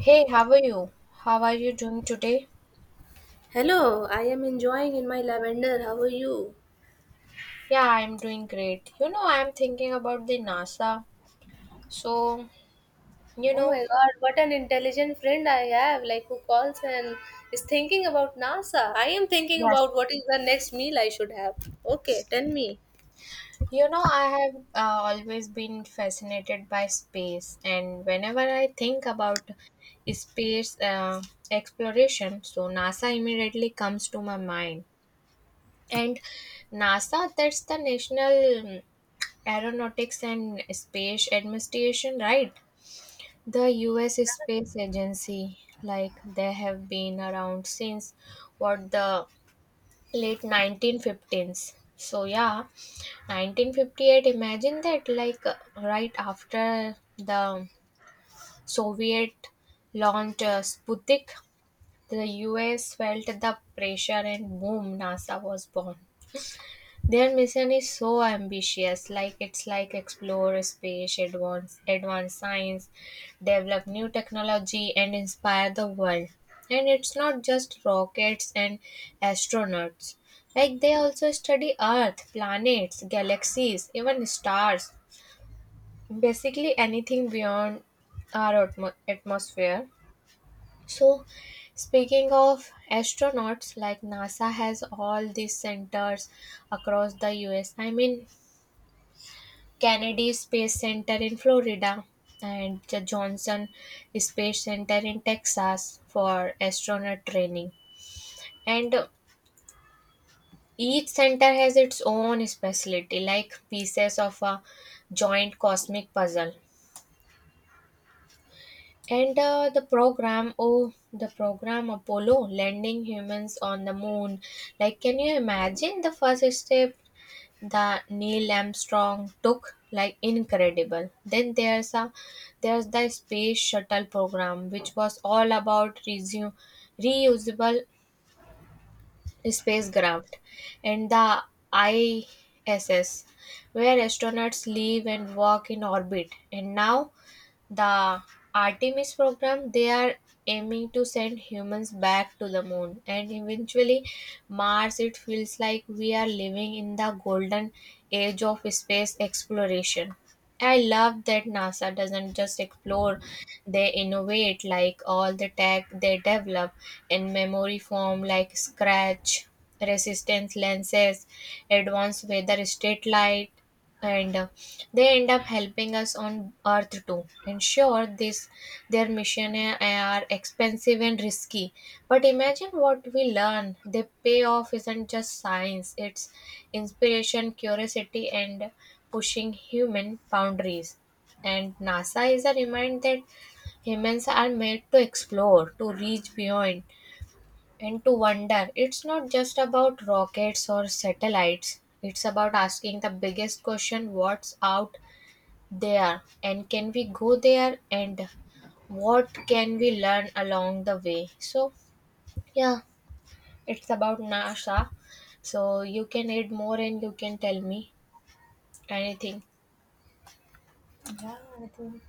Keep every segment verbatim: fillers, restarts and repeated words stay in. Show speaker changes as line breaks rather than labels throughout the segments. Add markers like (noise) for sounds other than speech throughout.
Hey, how are you? How are you doing today?
Hello, I am enjoying in my lavender. How are you?
Yeah, I'm doing great. You know, I'm thinking about the NASA. So, you
Oh my
know,
god, what an intelligent friend I have, like who calls and is thinking about NASA. I am thinking
yes.
about what is the next meal I should have. Okay, tell me.
You know, I have uh, always been fascinated by space, and whenever I think about space uh, exploration, so NASA immediately comes to my mind. And NASA, that's the National um, Aeronautics and Space Administration, right? The U S Space Agency, like they have been around since what the late nineteen fifteens. So yeah, nineteen fifty-eight, imagine that, like uh, right after the Soviet launched uh, Sputnik, the U S felt the pressure and boom, NASA was born. Their mission is so ambitious, like it's like explore space, advance advance science, develop new technology, and inspire the world. And it's not just rockets and astronauts. Like they also study Earth, planets, galaxies, even stars. Basically anything beyond our atmo- atmosphere. So, speaking of astronauts, like NASA has all these centers across the U S. I mean, Kennedy Space Center in Florida and the Johnson Space Center in Texas for astronaut training. And uh, each center has its own specialty, like pieces of a joint cosmic puzzle. And uh, the program, oh, the program Apollo landing humans on the moon. Like, can you imagine the first step the Neil Armstrong took, like incredible. Then there's a There's the space shuttle program, which was all about resume, reusable spacecraft, and the I S S where astronauts live and work in orbit. And now the Artemis program, they are aiming to send humans back to the moon and eventually Mars. It feels like we are living in the golden age of space exploration. I love that NASA doesn't just explore, they innovate, like all the tech they develop in memory form, like scratch resistance lenses, advanced weather state light, and uh, they end up helping us on earth too. And sure, this their mission a- are expensive and risky, but imagine what we learn. The payoff isn't just science, it's inspiration, curiosity, and pushing human boundaries. And NASA is a reminder that humans are made to explore, to reach beyond, and to wonder. It's not just about rockets or satellites, it's about asking the biggest question: what's out there, and can we go there, and what can we learn along the way? So yeah, it's about NASA. So you can add more and you can tell me anything.
Yeah, I think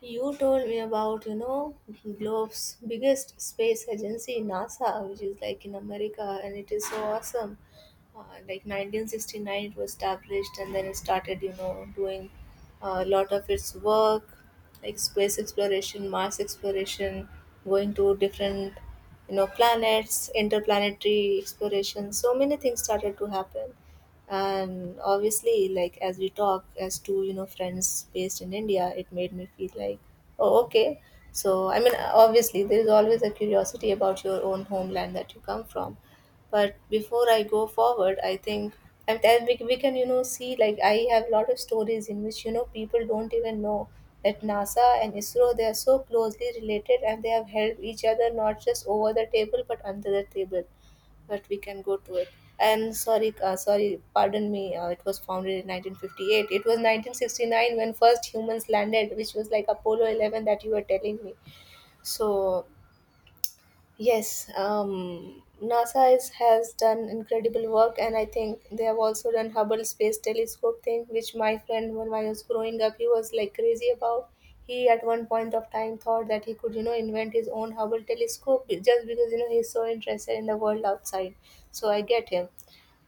you told me about, you know, Globe's biggest space agency, NASA, which is like in America, and it is so awesome. Uh, like nineteen sixty-nine, it was established, and then it started, you know, doing a lot of its work, like space exploration, Mars exploration, going to different, you know, planets, interplanetary exploration. So many things started to happen, and obviously, like as we talk as two, you know, friends based in India, it made me feel like, oh okay. So I mean, obviously there is always a curiosity about your own homeland that you come from, but before I go forward, I think, and then we, we can, you know, see, like I have a lot of stories in which, you know, people don't even know that NASA and ISRO, they are so closely related and they have helped each other not just over the table but under the table, but we can go to it. And sorry, uh, sorry, pardon me. Uh, it was founded in nineteen fifty-eight. It was nineteen sixty-nine when first humans landed, which was like Apollo eleven that you were telling me. So yes, um, NASA is, has done incredible work, and I think they have also done Hubble Space Telescope thing, which my friend, when I was growing up, he was like crazy about. He at one point of time thought that he could, you know, invent his own Hubble telescope just because, you know, he's so interested in the world outside. So I get him.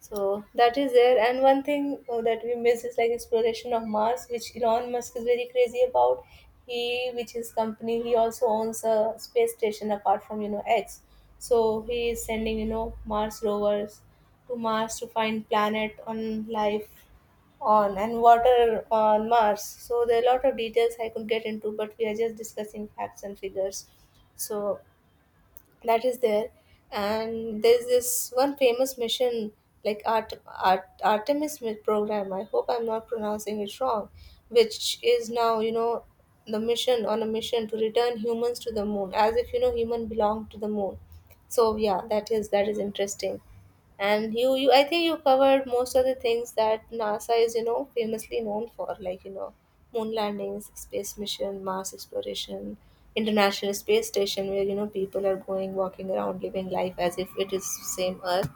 So that is there. And one thing uh, that we miss is like exploration of Mars, which Elon Musk is very crazy about. He, which is company, he also owns a space station apart from, you know, X. So he is sending, you know, Mars rovers to Mars to find planet on life on and water on Mars. So there are a lot of details I could get into, but we are just discussing facts and figures. So that is there, and there's this one famous mission like Art, Art, artemis mi- program, I hope I'm not pronouncing it wrong, which is now, you know, the mission on a mission to return humans to the moon, as if, you know, human belong to the moon. So yeah, that is, that is interesting. And you, you I think you covered most of the things that NASA is, you know, famously known for, like, you know, moon landings, space mission, Mars exploration, international space station, where, you know, people are going, walking around, living life as if it is same earth.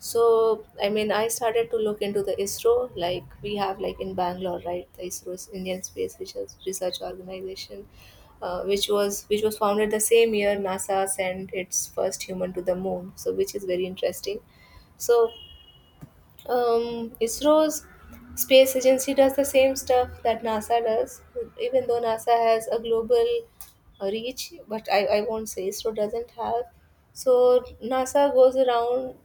So, I mean, I started to look into the ISRO, like we have like in Bangalore, right? The ISRO is Indian Space Research Research Organization, uh, which was which was founded the same year NASA sent its first human to the moon. So, which is very interesting. So, um, ISRO's space agency does the same stuff that NASA does, even though NASA has a global uh, reach, but I, I won't say ISRO doesn't have. So, NASA goes around.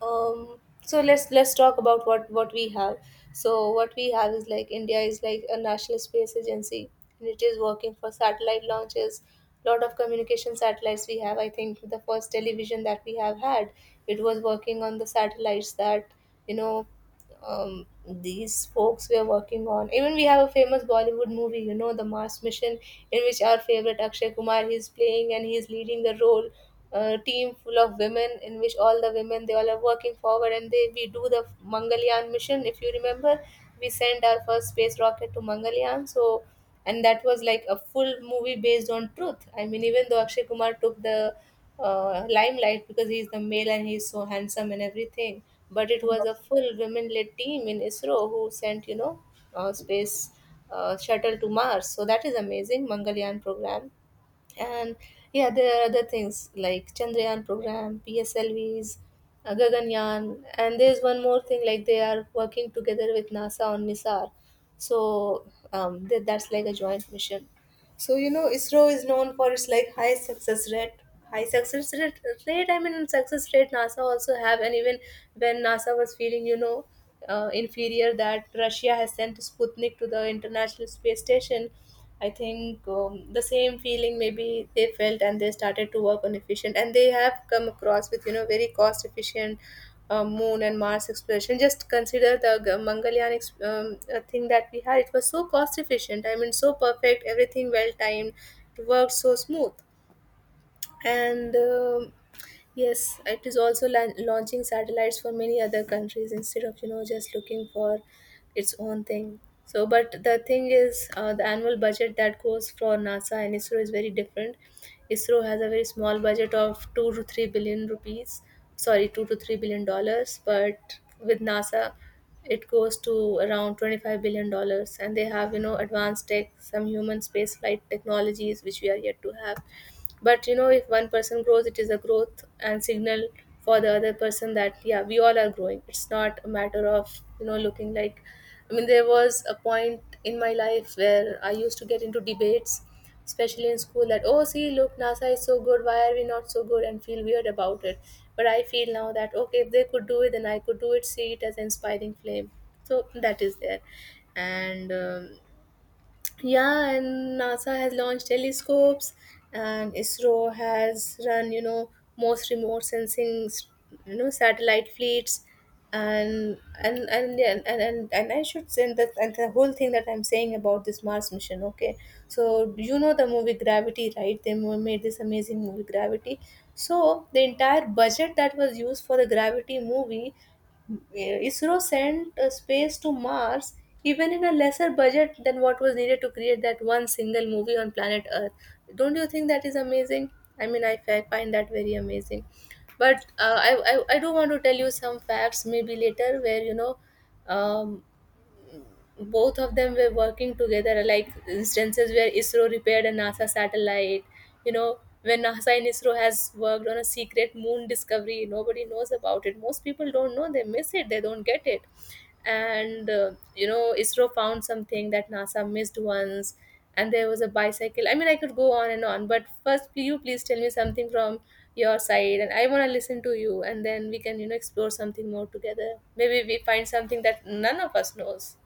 Um so let's let's talk about what what we have. So what we have is, like India is like a national space agency, and it is working for satellite launches, lot of communication satellites we have. I think the first television that we have had, it was working on the satellites that, you know, um, these folks were working on. Even we have a famous Bollywood movie, you know, the Mars mission in which our favorite Akshay Kumar, he is playing and he is leading the role, a team full of women in which all the women, they all are working forward, and they, we do the Mangalyaan mission, if you remember, we sent our first space rocket to Mangalyaan. So, and that was like a full movie based on truth. I mean, even though Akshay Kumar took the uh, limelight because he's the male and he's so handsome and everything, but it was a full women led team in ISRO who sent, you know, uh, space uh, shuttle to Mars. So that is amazing, Mangalyaan program. And yeah, there are other things like Chandrayaan program, PSLVs, uh, Gaganyaan, and there's one more thing, like they are working together with NASA on NISAR. So, um, th- that's like a joint mission. So, you know, ISRO is known for its like high success rate. High success rate, rate. I mean, success rate. NASA also have, and even when NASA was feeling, you know, uh, inferior, that Russia has sent Sputnik to the International Space Station. I think um, the same feeling maybe they felt, and they started to work on efficient, and they have come across with, you know, very cost efficient uh, moon and Mars exploration. Just consider the G- Mangalyaan ex- um, uh, thing that we had. It was so cost efficient. I mean, so perfect. Everything well timed. It worked so smooth. And um yes, it is also lan- launching satellites for many other countries instead of, you know, just looking for its own thing. So, but the thing is uh, the annual budget that goes for NASA and ISRO is very different. ISRO has a very small budget of two to three billion rupees, sorry, two to three billion dollars, but with NASA, it goes to around twenty-five billion dollars. And they have, you know, advanced tech, some human space flight technologies which we are yet to have. But you know, if one person grows, it is a growth and signal for the other person that yeah, we all are growing. It's not a matter of, you know, looking like, I mean, there was a point in my life where I used to get into debates, especially in school, that oh, see, look, NASA is so good, why are we not so good, and feel weird about it. But I feel now that okay, if they could do it, then I could do it, see it as an inspiring flame. So that is there. And um, yeah, and NASA has launched telescopes and ISRO has run, you know, most remote sensing, you know, satellite fleets. And and and and and, and, and I should say that, and the whole thing that I'm saying about this Mars mission, okay. So you know the movie Gravity, right? They mo- made this amazing movie Gravity. So the entire budget that was used for the Gravity movie, ISRO sent uh, space to Mars even in a lesser budget than what was needed to create that one single movie on planet Earth. Don't you think that is amazing? I mean, I fi- find that very amazing. But uh, I, I, I do want to tell you some facts maybe later where, you know, um, both of them were working together, like instances where ISRO repaired a NASA satellite, you know, when NASA and ISRO has worked on a secret moon discovery, nobody knows about it, most people don't know, they miss it, they don't get it. And uh, you know, ISRO found something that NASA missed once, and there was a bicycle. I mean, I could go on and on, but first, will you please tell me something from your side, and I want to listen to you, and then we can, you know, explore something more together, maybe we find something that none of us knows.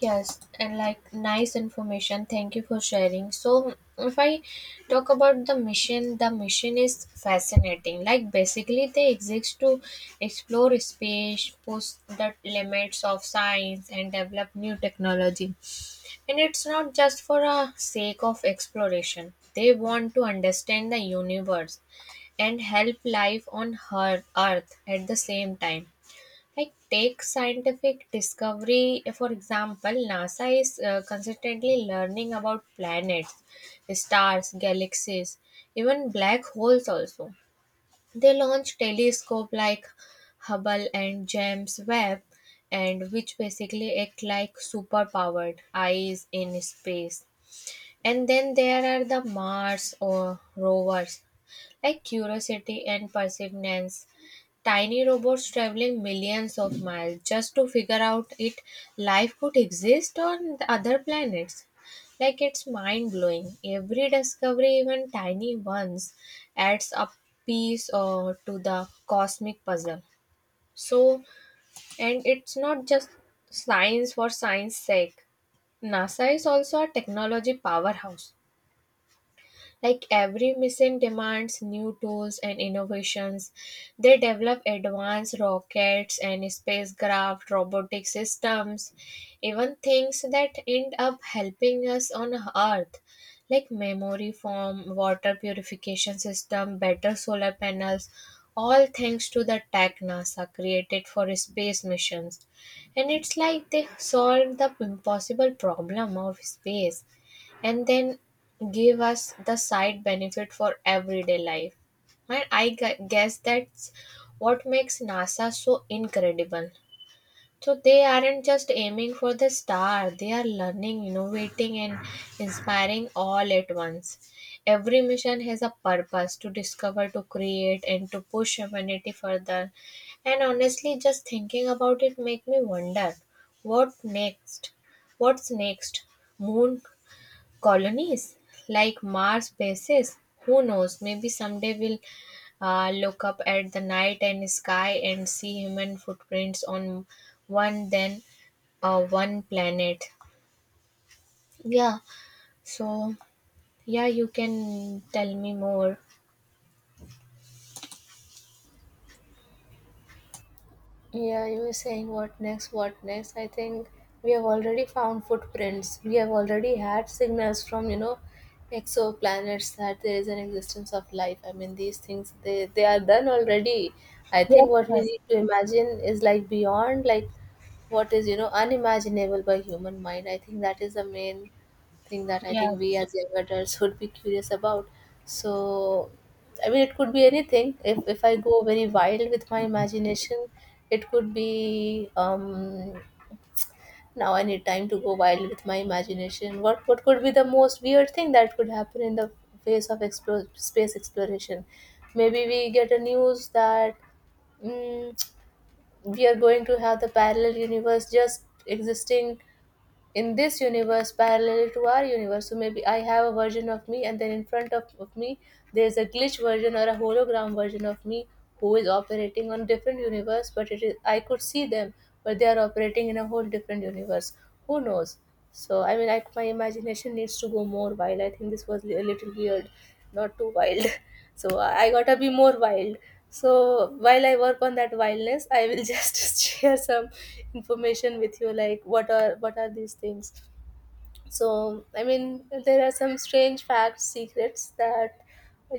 Yes, and like nice information. Thank you for sharing. So, if I talk about the mission, the mission is fascinating. Like, basically, they exist to explore space, push the limits of science, and develop new technology. And it's not just for a sake of exploration, they want to understand the universe and help life on her earth at the same time, like take scientific discovery, for example. NASA is uh, consistently learning about planets, stars, galaxies, even black holes also. They launch telescope like Hubble and James Webb, and which basically act like superpowered eyes in space. And then there are the Mars or rovers like Curiosity and Perseverance. Tiny robots traveling millions of miles just to figure out if life could exist on the other planets. Like it's mind blowing. Every discovery, even tiny ones, adds a piece uh, to the cosmic puzzle. So, and it's not just science for science sake. NASA is also a technology powerhouse. Like every mission demands new tools and innovations, they develop advanced rockets and spacecraft, robotic systems, even things that end up helping us on Earth, like memory foam, water purification system, better solar panels, all thanks to the tech NASA created for space missions. And it's like they solved the impossible problem of space and then give us the side benefit for everyday life. And I gu- guess that's what makes NASA so incredible. So they aren't just aiming for the star, they are learning, innovating, and inspiring all at once. Every mission has a purpose to discover, to create, and to push humanity further. And honestly, just thinking about it make me wonder what next? What's next? Moon colonies like Mars bases. Who knows? Maybe someday we'll uh, look up at the night and sky and see human footprints on one then uh, one planet. Yeah. So yeah, you can tell me more.
Yeah, you were saying what next, what next. I think we have already found footprints. We have already had signals from, you know, exoplanets that there is an existence of life. I mean, these things, they, they are done already. I
Yes.
think what we
Yes.
need to imagine is like beyond, like what is, you know, unimaginable by human mind. I think that is the main thing that I think we
Yes.
as young adults would be curious about. So, I mean, it could be anything. If if I go very wild with my imagination, it could be um, now I need time to go wild with my imagination. What what could be the most weird thing that could happen in the face of explore, space exploration? Maybe we get a news that mm, we are going to have the parallel universe just existing in this universe parallel to our universe. So maybe I have a version of me, and then in front of, of me, there's a glitch version or a hologram version of me who is operating on different universe. But it is I could see them, but they are operating in a whole different universe. Who knows? So I mean, I, my imagination needs to go more wild. I think this was a little weird, not too wild. (laughs) So I gotta be more wild. So while I work on that wildness, I will just (laughs) share some information with you, like what are what are these things. So I mean, there are some strange facts, secrets that,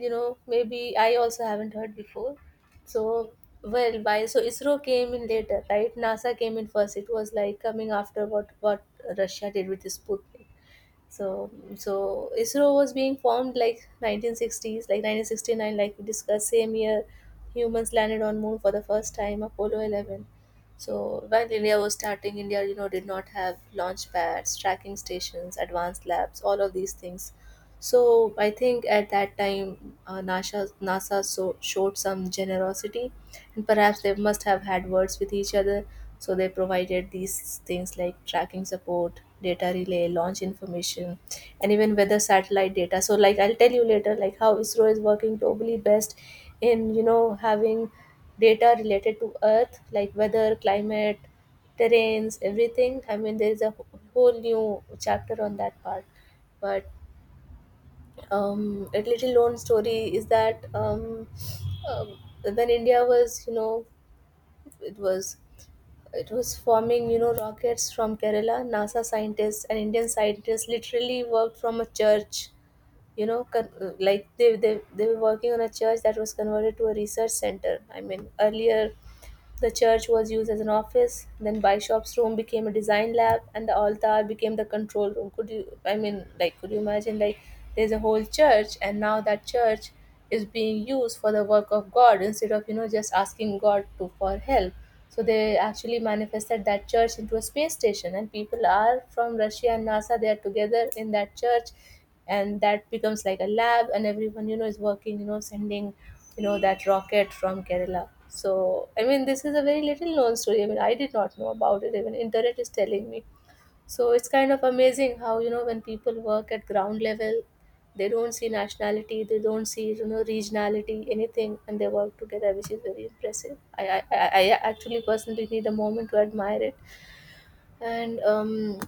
you know, maybe I also haven't heard before. So well by so ISRO came in later, right? NASA came in first. It was like coming after what what Russia did with the Sputnik. So, so I S R O was being formed like nineteen sixties, like nineteen sixty-nine, like we discussed, same year humans landed on moon for the first time, Apollo eleven. So while India was starting, India, you know, did not have launch pads, tracking stations, advanced labs, all of these things. So I think at that time, uh, NASA, NASA so, showed some generosity, and perhaps they must have had words with each other, so they provided these things like tracking support, data relay, launch information, and even weather satellite data. So, like I'll tell you later, like how I S R O is working globally best in, you know, having data related to Earth, like weather, climate, terrains, everything. I mean, there is a wh- whole new chapter on that part, but um, a little known story is that, um, um, when India was, you know, it was it was forming, you know, rockets from Kerala. NASA scientists and Indian scientists literally worked from a church. You know, con- like they, they they were working on a church that was converted to a research center. I mean, earlier the church was used as an office, then Bishop's room became a design lab, and the altar became the control room. Could you, I mean, like, could you imagine, like, there's a whole church, and now that church is being used for the work of God instead of, you know, just asking God to, for help. So they actually manifested that church into a space station, and people are from Russia and NASA. They are together in that church, and that becomes like a lab, and everyone, you know, is working, you know, sending, you know, that rocket from Kerala. So I mean, this is a very little known story. I mean, I did not know about it. Even internet is telling me. So it's kind of amazing how, you know, when people work at ground level, they don't see nationality, they don't see, you know, regionality, anything, and they work together, which is very impressive. I i, I I actually personally need a moment to admire it. And um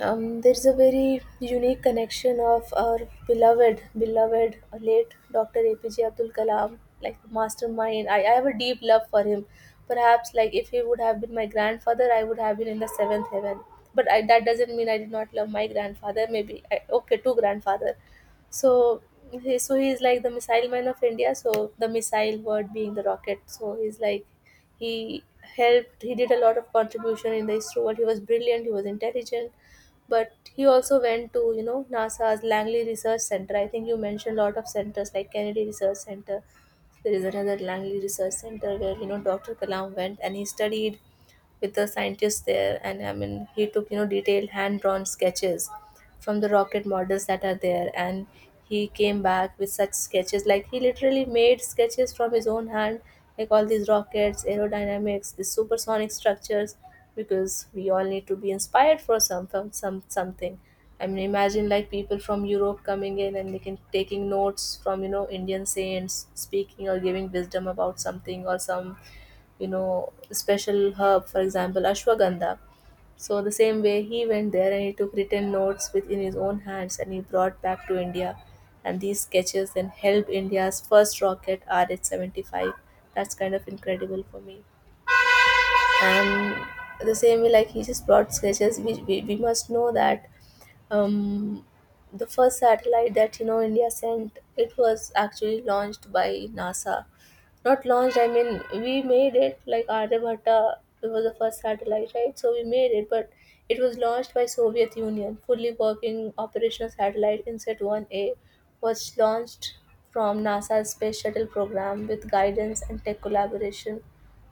um, there's a very unique connection of our beloved, beloved late Doctor A P J Abdul Kalam, like mastermind. I, I have a deep love for him. Perhaps, like if he would have been my grandfather, I would have been in the seventh heaven. But I, that doesn't mean I did not love my grandfather. Maybe I, okay, two grandfather. So, he, so he is like the missile man of India. So the missile word being the rocket. So he's like he helped. He did a lot of contribution in the I S R O world. He was brilliant. He was intelligent, but he also went to, you know, NASA's Langley Research Center. I think you mentioned a lot of centers like Kennedy Research Center. There is another Langley Research Center where, you know, Doctor Kalam went and he studied with the scientists there, and I mean he took, you know, detailed hand drawn sketches from the rocket models that are there, and he came back with such sketches. Like he literally made sketches from his own hand, like all these rockets aerodynamics, the supersonic structures, because we all need to be inspired for some, from some, something. I mean, imagine like people from Europe coming in and they can taking notes from, you know, Indian saints speaking or giving wisdom about something, or some, you know, special herb, for example, ashwagandha. So the same way, he went there and he took written notes within his own hands, and he brought back to India. And these sketches then helped India's first rocket, R H seventy-five. That's kind of incredible for me. And the same way, like he just brought sketches, we, we, we must know that, um, the first satellite that, you know, India sent, it was actually launched by NASA. Not launched, I mean we made it, like Aryabhatta. It was the first satellite, right? So we made it, but it was launched by Soviet Union. Fully working operational satellite InSat one A was launched from NASA's space shuttle program with guidance and tech collaboration.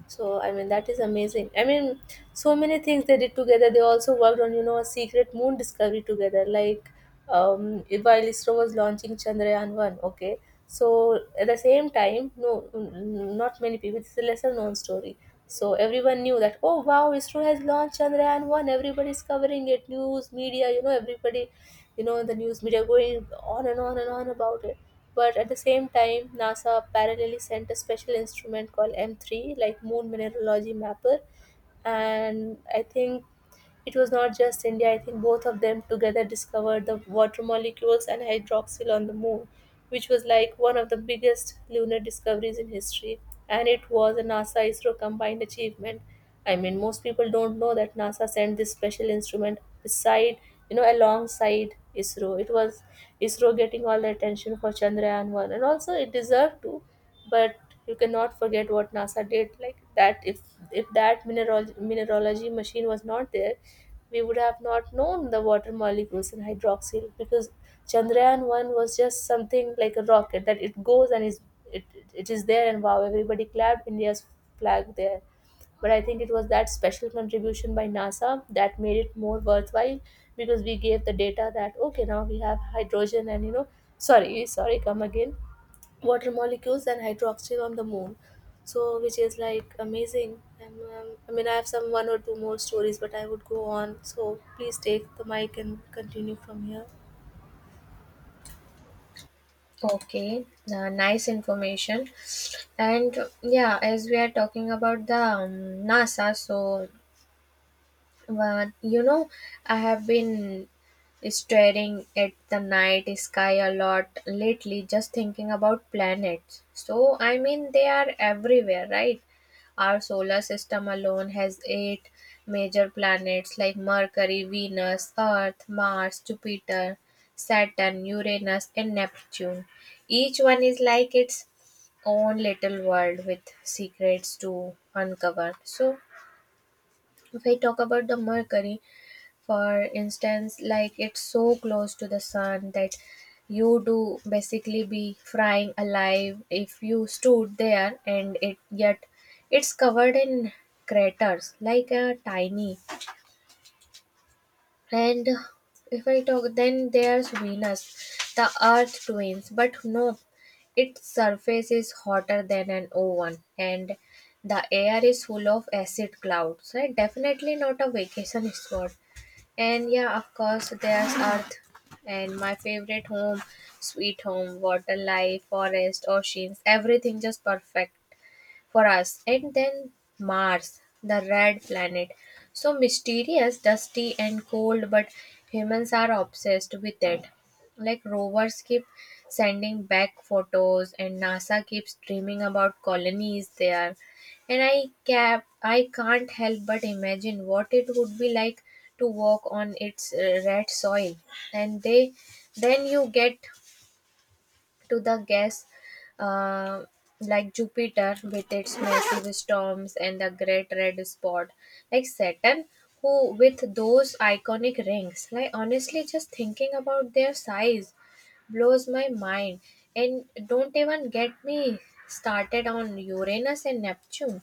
So I mean that is amazing. I mean, so many things they did together. They also worked on, you know, a secret moon discovery together. Like, um, while I S R O was launching Chandrayaan one, okay. So at the same time, no, n- n- not many people. It's a lesser known story. So everyone knew that. Oh wow, I S R O has launched Chandrayaan one. Everybody's covering it. News media, you know, everybody, you know, the news media going on and on and on about it. But at the same time, NASA parallelly sent a special instrument called M three, like Moon Mineralogy Mapper. And I think it was not just India, I think both of them together discovered the water molecules and hydroxyl on the moon, which was like one of the biggest lunar discoveries in history. And it was a NASA I S R O combined achievement. I mean, most people don't know that NASA sent this special instrument beside, you know, alongside I S R O. It was I S R O getting all the attention for Chandrayaan one, and also it deserved to, but you cannot forget what NASA did. Like that, if if that mineral mineralogy machine was not there, we would have not known the water molecules in hydroxyl, because Chandrayaan one was just something like a rocket that it goes and is it, it, is there, and wow, everybody clapped India's flag there. But I think it was that special contribution by NASA that made it more worthwhile, because we gave the data that okay, now we have hydrogen and, you know, sorry sorry come again, water molecules and hydroxyl on the moon. So which is like amazing. And um, I mean, I have some one or two more stories, but I would go on, so please take the mic and continue from here.
Okay, uh, nice information. And yeah, as we are talking about the um, NASA, so but you know, I have been staring at the night sky a lot lately, just thinking about planets. So, I mean, they are everywhere, right? Our solar system alone has eight major planets like Mercury, Venus, Earth, Mars, Jupiter, Saturn, Uranus, and Neptune. Each one is like its own little world with secrets to uncover. So, if I talk about the Mercury, for instance, like it's so close to the sun that you do basically be frying alive if you stood there, and it yet it's covered in craters like a tiny. And if I talk then there's Venus, the earth twins, but no, its surface is hotter than an oven, and the air is full of acid clouds. Right, definitely not a vacation (laughs) spot. And yeah, of course, there's Earth and my favorite home, sweet home, water, life, forest, oceans, everything just perfect for us. And then Mars, the red planet. So mysterious, dusty, and cold, but humans are obsessed with it. Like rovers keep sending back photos, and NASA keeps dreaming about colonies there. And I cap, I can't help but imagine what it would be like to walk on its uh, red soil. And they, then you get to the gas uh, like Jupiter with its massive storms and the great red spot, like Saturn, who with those iconic rings. Like honestly, just thinking about their size blows my mind, and don't even get me started on Uranus and Neptune,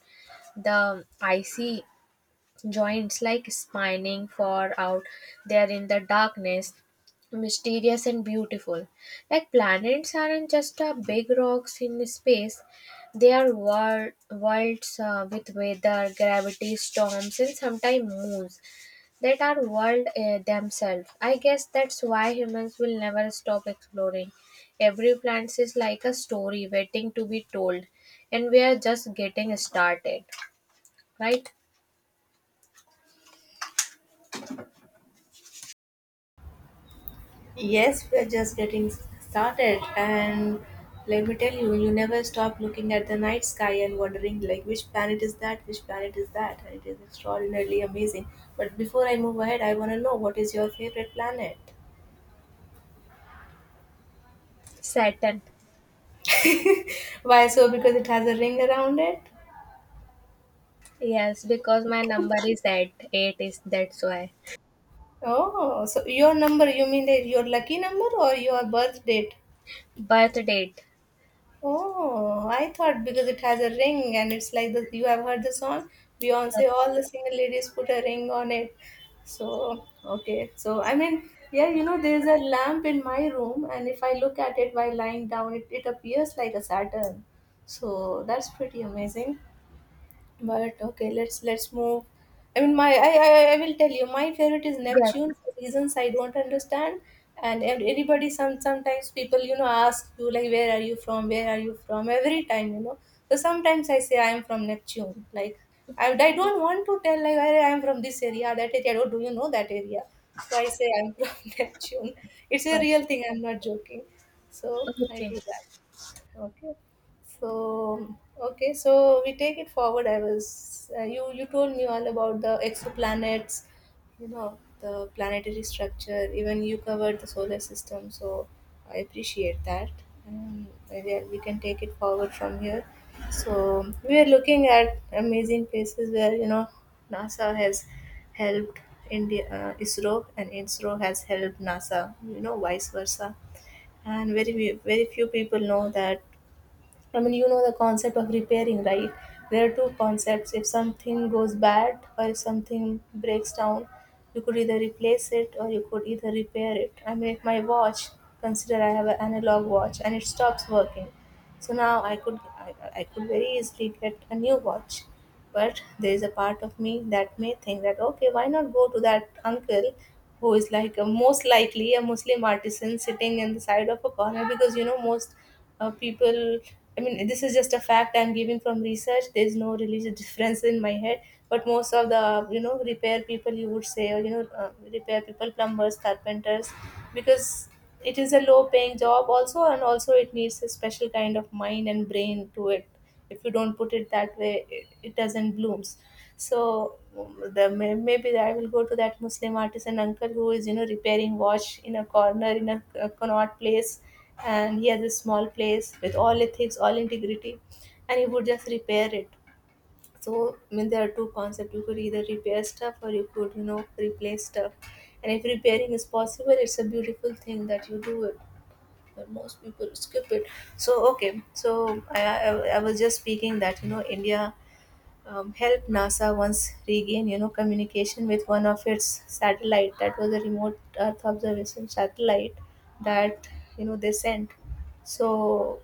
the icy joints like spinning far out there in the darkness, mysterious and beautiful. Like planets aren't just uh, big rocks in space, they are wor- worlds uh, with weather, gravity, storms, and sometimes moons that are world uh, themselves. I guess that's why humans will never stop exploring. Every planet is like a story waiting to be told, and we are just getting started, right?
Yes, we're just getting started, and let me tell you, you never stop looking at the night sky and wondering, like, which planet is that? Which planet is that? And it is extraordinarily amazing. But before I move ahead, I want to know, what is your favorite planet?
Saturn.
Why so? Because it has a ring around it?
Yes, because my number is eight. Eight is that's why.
Oh, so your number, you mean that your lucky number or your birth date?
Birth date.
Oh, I thought because it has a ring and it's like the you have heard the song Beyonce,
Yes.
all the single ladies put a ring on it. So, okay. So, I mean, yeah, you know, there's a lamp in my room, and if I look at it while lying down, it, it appears like a Saturn. So, that's pretty amazing. But okay, let's let's move. I mean, my I, I I will tell you, my favorite is
Yes.
Neptune for reasons I don't understand. And ev- everybody, some sometimes people, you know, ask you like, where are you from? Where are you from? Every time, you know. So sometimes I say I am from Neptune. Like I I don't want to tell like I, I am from this area, that area. Oh, do you know that area? So I say I'm from (laughs) Neptune. It's a
Oh.
real thing. I'm not joking. So I
Okay.
do that. Okay. So okay, so we take it forward. I was uh, you you told me all about the exoplanets, you know, the planetary structure. Even you covered the solar system, so I appreciate that. Um, maybe we can take it forward from here. So we are looking at amazing places where, you know, NASA has helped India, uh, ISRO, and I S R O has helped NASA. You know, vice versa. And very few- very few people know that. I mean, you know the concept of repairing, right? There are two concepts. If something goes bad or if something breaks down, you could either replace it or you could either repair it. I mean, if my watch, consider I have an analog watch and it stops working, so now I could I, I could very easily get a new watch. But there is a part of me that may think that okay, why not go to that uncle who is like a, most likely a Muslim artisan sitting in the side of a corner because, you know, most uh, people. I mean, this is just a fact I'm giving from research. There's no religious (laughs) difference in my head. But most of the you know repair people you would say, or you know uh, repair people, plumbers, carpenters, because it is a low paying job also, and also it needs a special kind of mind and brain to it. If you don't put it that way it, it doesn't blooms. So um, the, may- maybe I will go to that Muslim artisan uncle who is you know repairing watch in a corner in a, a convert place, and he has a small place with all ethics, all integrity, and he would just repair it. So, I mean, there are two concepts. You could either repair stuff, or you could, you know, replace stuff. And if repairing is possible, it's a beautiful thing that you do it. But most people skip it. So, okay. So, I, I, I was just speaking that, you know, India um, helped NASA once regain, you know, communication with one of its satellite. That was a remote Earth observation satellite that, you know, they sent. So,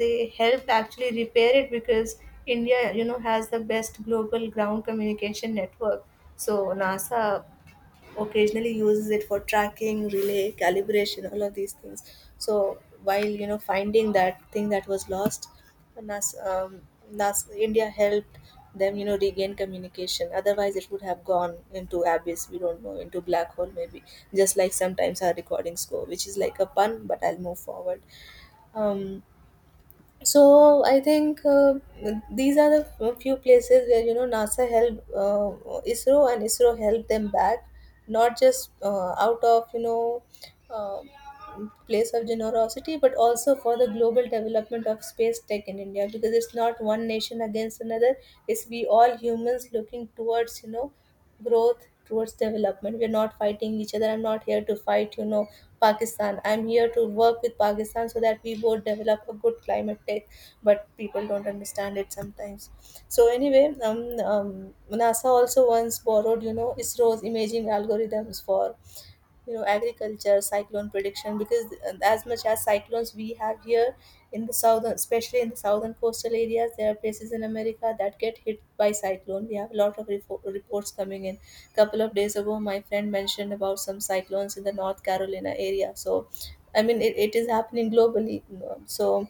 they helped actually repair it because India, you know, has the best global ground communication network. So NASA occasionally uses it for tracking, relay, calibration, all of these things. So while you know finding that thing that was lost, NASA, um, NASA India helped them, you know, regain communication. Otherwise, it would have gone into abyss. We don't know, into black hole maybe. Just like sometimes our recordings go, which is like a pun, but I'll move forward. Um, so i think uh, these are the f- few places where you know NASA helped uh, ISRO, and ISRO helped them back, not just uh, out of you know uh, place of generosity, but also for the global development of space tech in India, because it's not one nation against another. It's we all humans looking towards you know growth, towards development. We're not fighting each other. I'm not here to fight, you know, Pakistan. I'm here to work with Pakistan so that we both develop a good climate tech. But people don't understand it sometimes. So anyway, um, um, NASA also once borrowed, you know, ISRO's imaging algorithms for you know agriculture cyclone prediction, because uh, as much as cyclones we have here in the southern, especially in the southern coastal areas, there are places in America that get hit by cyclone. We have a lot of repo- reports coming in. Couple of days ago my friend mentioned about some cyclones in the North Carolina area. So I mean it, it is happening globally. So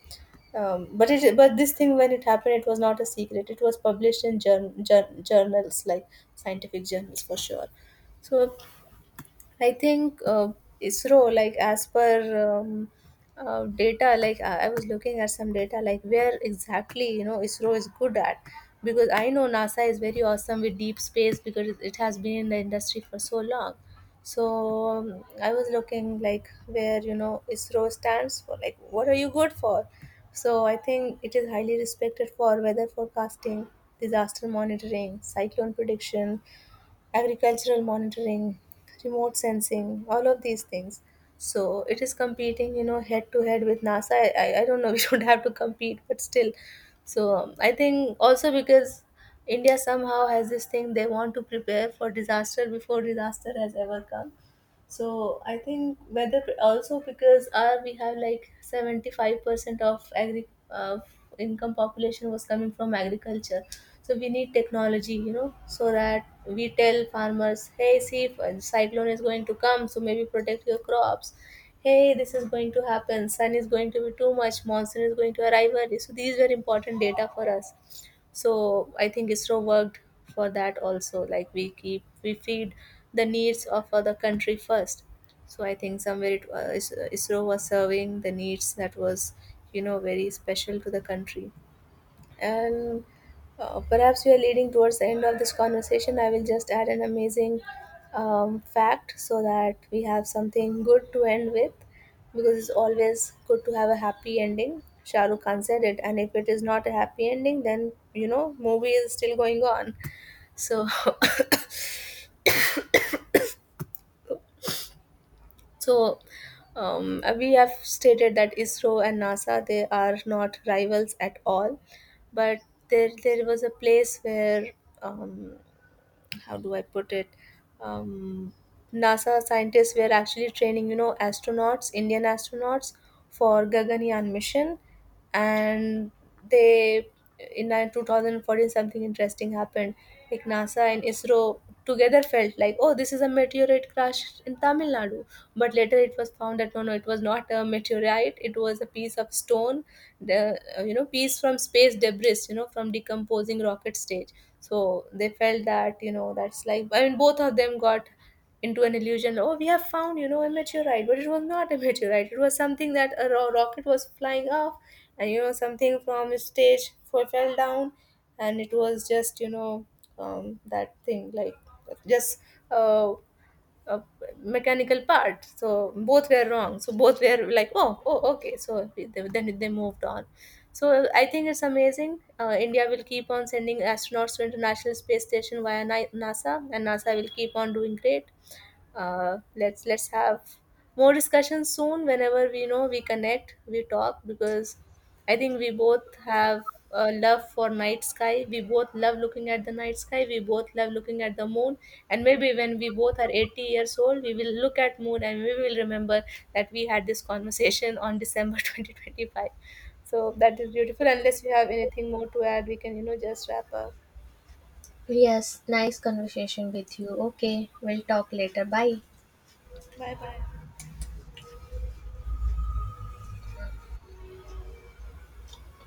um, but it, but this thing when it happened, it was not a secret. It was published in jour- jour- journals, like scientific journals for sure. So I think uh, ISRO, like as per um, uh, data, like I I was looking at some data, like where exactly you know ISRO is good at, because I know NASA is very awesome with deep space because it it has been in the industry for so long. So um, I was looking like where you know ISRO stands for, like what are you good for? So I think it is highly respected for weather forecasting, disaster monitoring, cyclone prediction, agricultural monitoring, remote sensing, all of these things. So it is competing, you know, head to head with NASA. I, I, I don't know, (laughs) we don't have to compete, but still. So um, I think also because India somehow has this thing, they want to prepare for disaster before disaster has ever come. So I think whether also because our we have like seventy five percent of agri uh, income population was coming from agriculture. So we need technology, you know, so that we tell farmers, hey, see, if a cyclone is going to come, so maybe protect your crops. Hey, this is going to happen. Sun is going to be too much. Monsoon is going to arrive early. So these were important data for us. So I think ISRO worked for that also, like we keep, we feed the needs of other country first. So I think somewhere it was ISRO was serving the needs that was you know very special to the country. And uh, perhaps we are leading towards the end of this conversation. I will just add an amazing um, fact so that we have something good to end with, because it's always good to have a happy ending. Shah Rukh Khan said it, and if it is not a happy ending, then you know movie is still going on. So (laughs) so um, we have stated that ISRO and NASA, they are not rivals at all, but there there was a place where, um, how do I put it? Um, NASA scientists were actually training, you know, astronauts, Indian astronauts for Gaganyaan mission, and they in uh, twenty fourteen, something interesting happened. Like NASA and ISRO together felt like, oh, this is a meteorite crash in Tamil Nadu. But later it was found that no, no, it was not a meteorite, it was a piece of stone. The uh, you know piece from space debris, you know, from decomposing rocket stage. So they felt that you know that's like, I mean, both of them got into an illusion, oh, we have found you know a meteorite, but it was not (laughs) a meteorite. It was something that a ro- rocket was flying off, and you know something from a stage fo- fell down. And it was just you know um, that thing, like just uh, a mechanical part. So both were wrong, so both were like, oh, oh, okay. So they, then they moved on. So I think it's amazing. Uh, india will keep on sending astronauts to international space station via Ni- NASA, and NASA will keep on doing great. Uh, let's let's have more discussion soon, whenever we know we connect, we talk, because I think we both have a love for night sky. We both love looking at the night sky, we both love looking at the moon. And maybe when we both are eighty years old, we will look at moon and we will remember that we had this conversation on december (laughs) twenty twenty-five. So that is beautiful. Unless you have anything more to add, we can you know just wrap up.
Yes. Nice conversation with you. Okay. We'll talk later. Bye.
Bye bye.